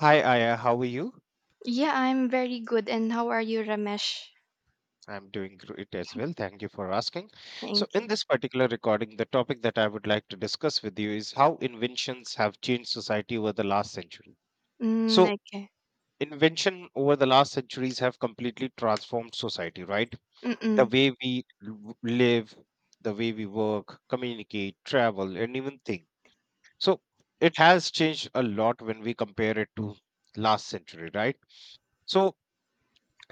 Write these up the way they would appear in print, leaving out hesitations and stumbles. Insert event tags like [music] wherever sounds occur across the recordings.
Hi, Aya. How are you? Yeah, I'm very good. And how are you, Ramesh? I'm doing great as well. Thank you for asking. So, Thank in you. this particular recording, the topic that I would like to discuss with you is how inventions have changed society over the last century. So, Okay. invention over the last centuries have completely transformed society, right? The Mm-mm, way we live, the way we work, communicate, travel, and even think. So, it has changed a lot when we compare it to last century, right? So,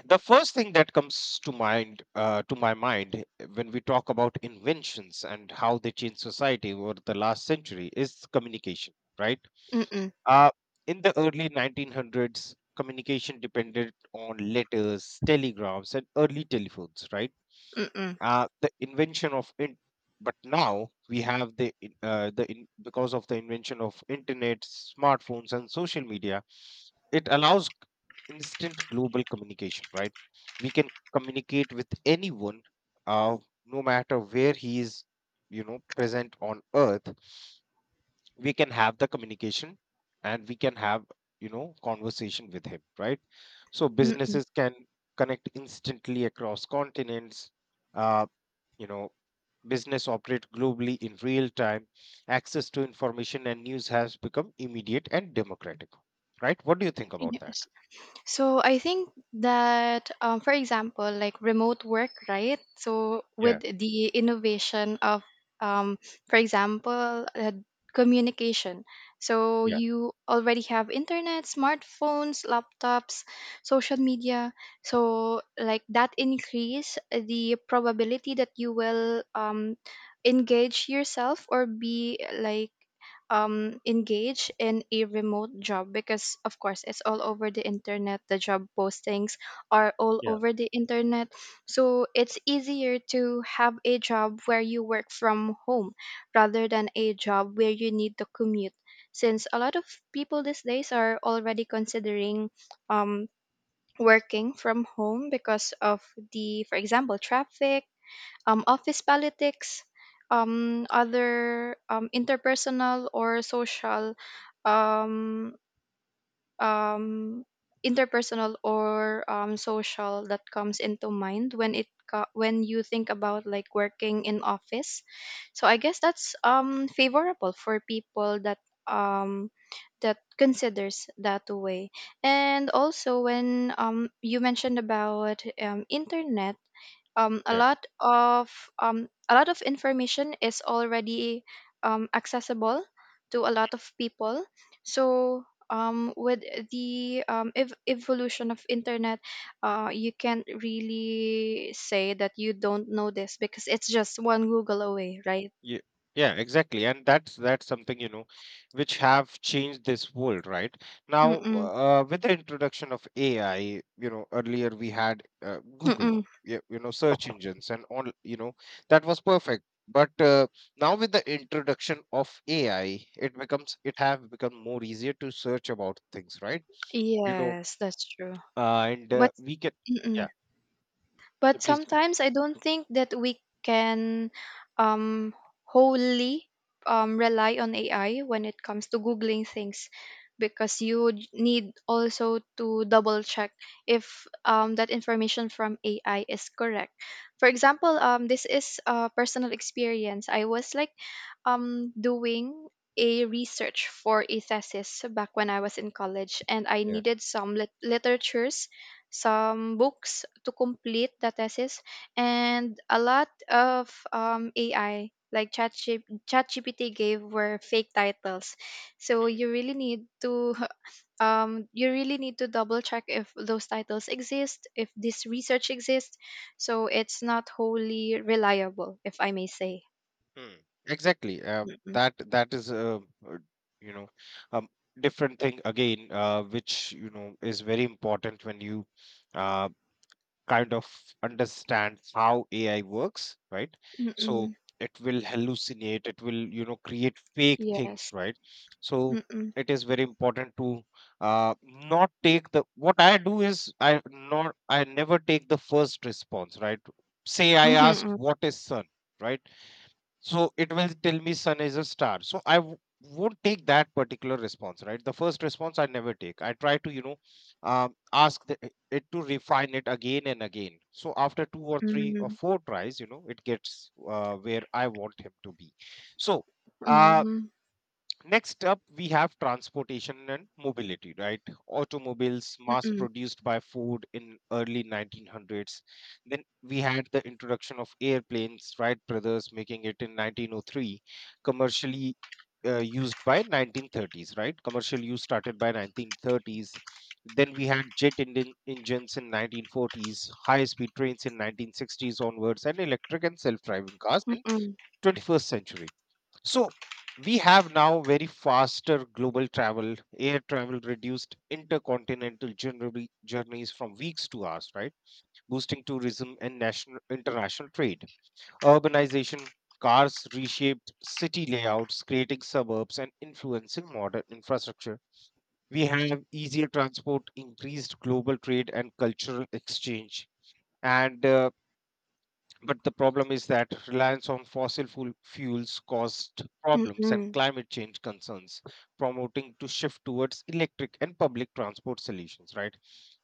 the first thing that comes to mind, to my mind, when we talk about inventions and how they change society over the last century is communication, right? mm-mm, uh, in the early 1900s, communication depended on letters, telegrams and early telephones, right. mm-mm, the invention of in- but now we have the in- Because of the invention of internet, smartphones and social media, it allows instant global communication, right? We can communicate with anyone, uh, no matter where he is, present on earth. We can have the communication and we can have, conversation with him, right? So mm-mm. businesses can connect instantly across continents. uh, you know Business operate globally in real time. Access to information and news has become immediate and democratic, right? What do you think about that? Yes. So I think that, for example, like remote work, right? So with Yeah. the innovation of, um, for example, communication. So you already have internet, smartphones, laptops, social media. So like that increase the probability that you will engage yourself or be like engage in a remote job, because of course it's all over the internet. The job postings are all Yeah, over the internet, so it's easier to have a job where you work from home rather than a job where you need to commute, since a lot of people these days are already considering um working from home because of, the for example, traffic, office politics, other um, um, interpersonal or social that comes into mind when when you think about like working in office. So I guess that's favorable for people that, um, that considers that way. And also when you mentioned about internet, um, a yeah, lot of a lot of information is already accessible to a lot of people, so with the evolution of internet, you can't really say that you don't know this because it's just one google away, right? yeah, yeah, exactly. And that's something, which have changed this world, right? Now, Mm-mm. With the introduction of AI, earlier we had Google, Mm-mm. yeah, search engines and all, that was perfect. But now with the introduction of AI, it have become more easier to search about things, right? You know, Yes, that's true. And But We can, mm-mm. yeah, yeah, But please, sometimes I don't think that we can, um, wholly, rely on AI when it comes to googling things, because need also to double check if, that information from AI is correct. For example, this is a personal experience. I was like doing a research for a thesis back when I was in college, and I yeah. needed some literatures, some books to complete the thesis. And a lot of AI like ChatGPT gave were fake titles. So you really need to [laughs] you really need to double check if those titles exist, if this research exists. So it's not wholly reliable, if I may say. Hmm. Exactly. Uh, Mm-mm. that that is a, uh, you know um, different thing again, which is very important when you, uh, kind of understand how AI works, right? So Mm-mm. it will hallucinate. It will, create fake things, Yes. right? So Mm-mm. it is very important to, not take the, what I do is, I never take the first response, right? Say I ask Mhm, what is sun, right? So it will tell me sun is a star. So I w- won't take that particular response, right? The first response I never take. I try to, ask the, it to refine it again and again. So after two or three or mm, four tries, it gets, where I want him to be. So. Uh, mm, Next up, we have transportation and mobility, right? Automobiles mass mm-mm, produced by Ford in early 1900s. Then we had the introduction of airplanes, Wright brothers making it in 1903, commercially used by 1930s, right? Commercial use started by 1930s. Then we had jet engines in 1940s, high-speed trains in 1960s onwards, and electric and self-driving cars in mm-mm, 21st century. So we have now very faster global travel, air travel reduced intercontinental journeys from weeks to hours, right? Boosting tourism and national international trade. Urbanization, cars reshaped city layouts, creating suburbs and influencing modern infrastructure. We have easier transport, increased global trade and cultural exchange. And but the problem is that reliance on fossil fuels caused problems and mm-mm, climate change concerns, promoting to shift towards electric and public transport solutions, right?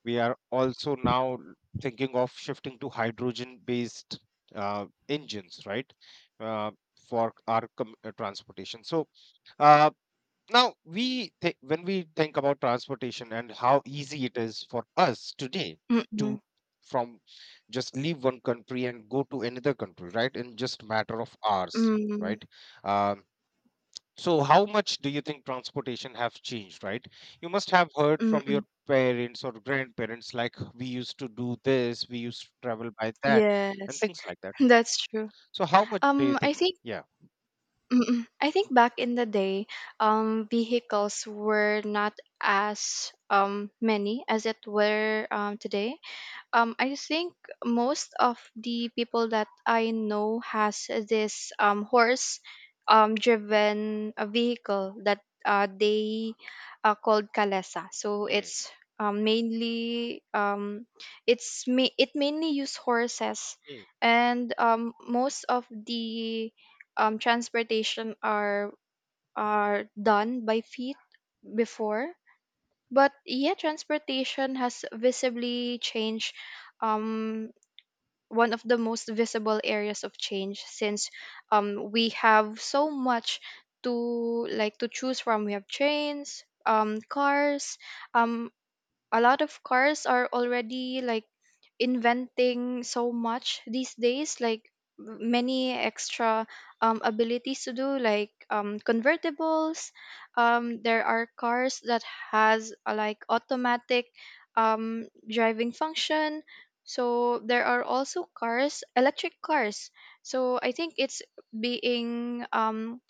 We are also now thinking of shifting to hydrogen based, engines, right? Uh, for our transportation. So, uh, now, when we think about transportation and how easy it is for us today mm-mm, to, from, just leave one country and go to another country, right? In just matter of hours, mm, right? Um, so, how much do you think transportation have changed, right? You must have heard from your mm-mm. parents or grandparents, like we used to do this, we used to travel by that, and Yes, things like [laughs] that. that's true. So, how much do you I think? think Yeah. mm-mm. I think back in the day, vehicles were not as many as it were today. I think most of the people that I know has this horse, driven vehicle that they called kalesa. So Hmm, it's mainly, it mainly use horses, hmm, and most of the transportation are done by feet before. But yeah, transportation has visibly changed. Um, one of the most visible areas of change since, we have so much to like to choose from. We have trains, cars. Um, a lot of cars are already like inventing so much these days, like many extra abilities to do like convertibles. There are cars that has, like automatic driving function. So there are also cars, electric cars. So I think it's being,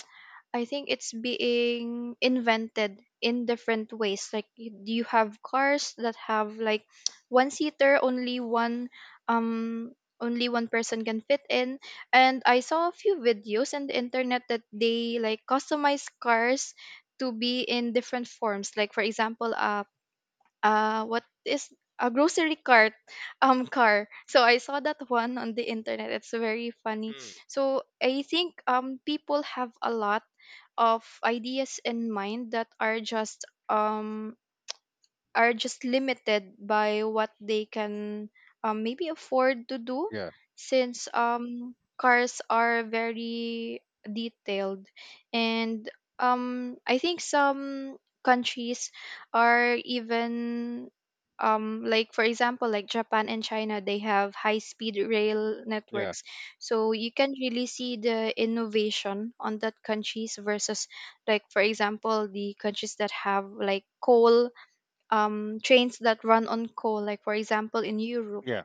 I think it's being invented in different ways. Like you have cars that have like [tsk] one seater, um only one person can fit in. And I saw a few videos on the internet that they like customize cars to be in different forms. Like for example, what is a grocery cart car. So I saw that one on the internet, it's very funny. hmm. So I think people have a lot of ideas in mind that are just limited by what they can, maybe afford to do, Yeah. since cars are very detailed. And I think some countries are even, like for example like Japan and China, they have high speed rail Yeah. networks. So you can really see the innovation on that countries versus, like for example, the countries that have like coal, trains that run on coal, like for example in Europe. Yeah.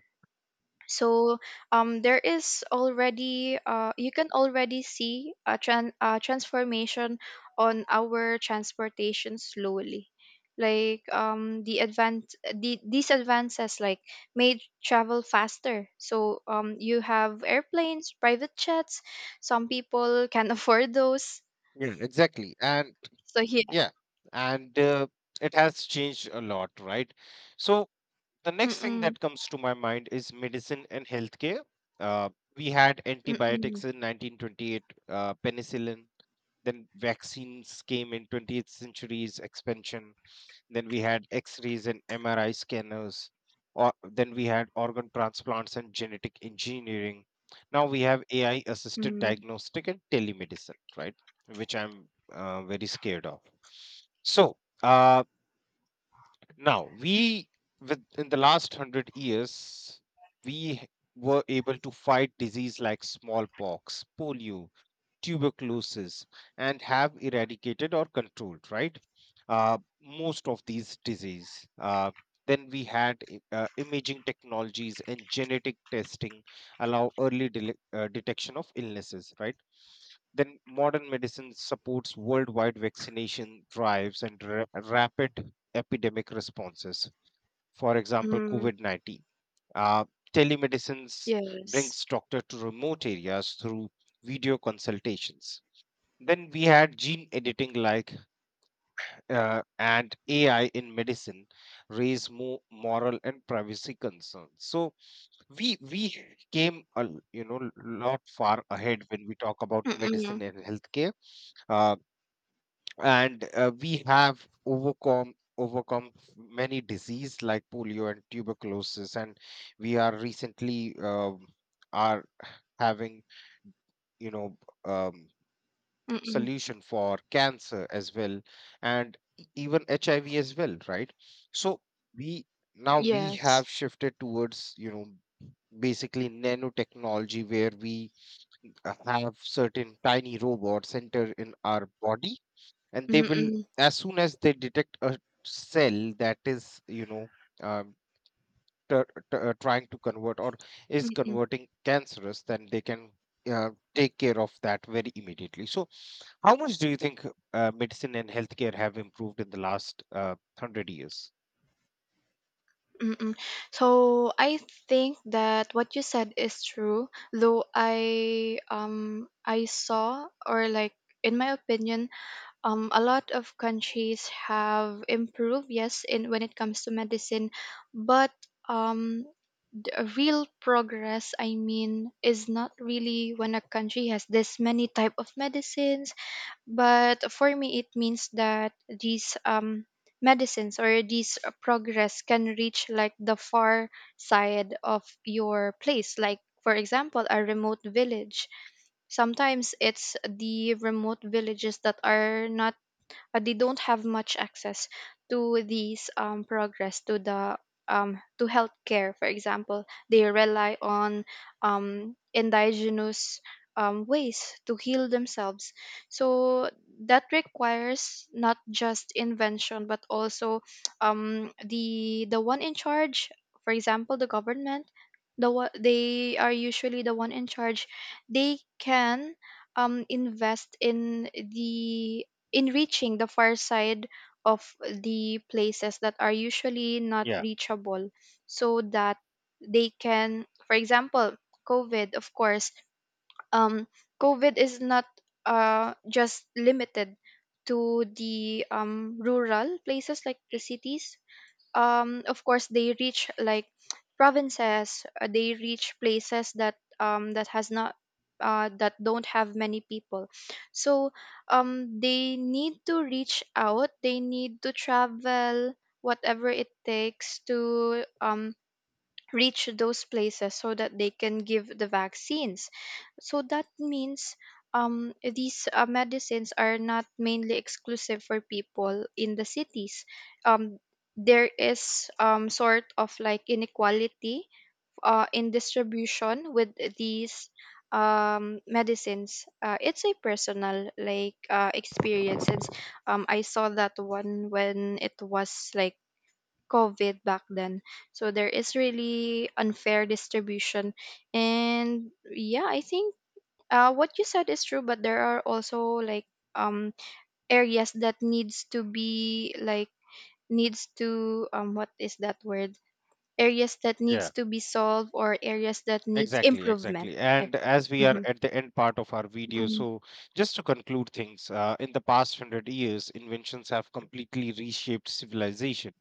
So there is already, you can already see a transformation on our transportation slowly. Like the these advances like made travel faster. So you have airplanes, private jets. Some people can [laughs] afford those. Yeah. Exactly. And So yeah. Yeah, and it has changed a lot, right? So the next thing Mm-mm, that comes to my mind is medicine and healthcare. Uh, we had mm-mm, antibiotics in 1928, penicillin, then vaccines came in 20th century's expansion. Then we had X-rays and MRI scanners. Or then we had organ transplants and genetic engineering. Now we have AI-assisted mm, diagnostic and telemedicine, right? Which I'm, very scared of. So uh, now we, with in the last 100 years, we were able to fight disease like smallpox, polio, tuberculosis and have eradicated or controlled, right. Most of these disease, then we had imaging technologies and genetic testing allow early detection of illnesses, right. Then modern medicine supports worldwide vaccination drives and rapid epidemic responses, for example, mm, COVID-19. Uh, Telemedicines yes. brings doctor to remote areas through video consultations. Then we had gene editing like, and AI in medicine raise more moral and privacy concerns. So we came a lot far ahead when we talk about medicine and healthcare. Uh, and we have overcome many disease like polio and tuberculosis, and we are recently, are having, you know um, Mm-mm. solution for cancer as well, and even HIV as well, right? So we, now we Yes. have shifted towards, basically nanotechnology, where we, have certain tiny robots enter in our body, and they will, Mm-mm. as soon as they detect a cell that is, um, t- trying to convert, or is Mm-mm. converting cancerous, then they can, uh, take care of that very immediately. So how much do you think, medicine and healthcare have improved in the last, 100 years? Mm-mm. So I think that what you said is true, though I saw or like, in my opinion, a lot of countries have improved, yes, in when it comes to medicine. But um the real progress I mean is not really when a country has this many type of medicines. But for me, it means that these, medicines or these, progress can reach like the far side of your place. Like, for example, a remote village. Sometimes it's the remote villages that are not, they don't have much access to these, progress to the, to healthcare. For example, they rely on, indigenous, ways to heal themselves. So that requires not just invention, but also, the one in charge. For example, the government, the one they are usually the one in charge. They can, invest in the, in reaching the far side of the places that are usually not Yeah. reachable, so that they can, for example, covid of course, um covid is not, just limited to the, rural places like the cities. Of course they reach like provinces, they reach places that, that has not, that don't have many people. So they need to reach out, they need to travel whatever it takes to, reach those places so that they can give the vaccines. So that means, these, medicines are not mainly exclusive for people in the cities. Um, there is, sort of like inequality, in distribution with these, medicines. It's a personal like, experience. I saw that one when it was like COVID back then. So there is really unfair distribution. And yeah, I think, what you said is true, but there are also like, um areas that needs to be like, needs to what is that word? Areas that Yeah. needs to be solved or areas that needs Exactly, improvement. exactly. And as we are Mm-hmm. at the end part of our video, Mm-hmm. so just to conclude things, in the past 100 years, inventions have completely reshaped civilization.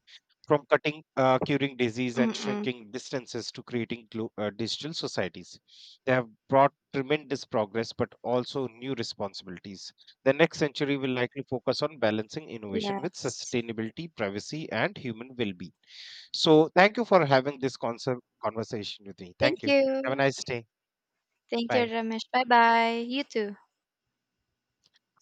From curing disease and Mm-hmm. shrinking distances, to creating digital societies. They have brought tremendous progress, but also new responsibilities. The next century will likely focus on balancing innovation with Yes. sustainability, privacy, and human well being. So thank you for having this concept conversation with me. Thank Thank you. Have a you. nice day. Thank you, Bye. Ramesh. Bye bye. You too.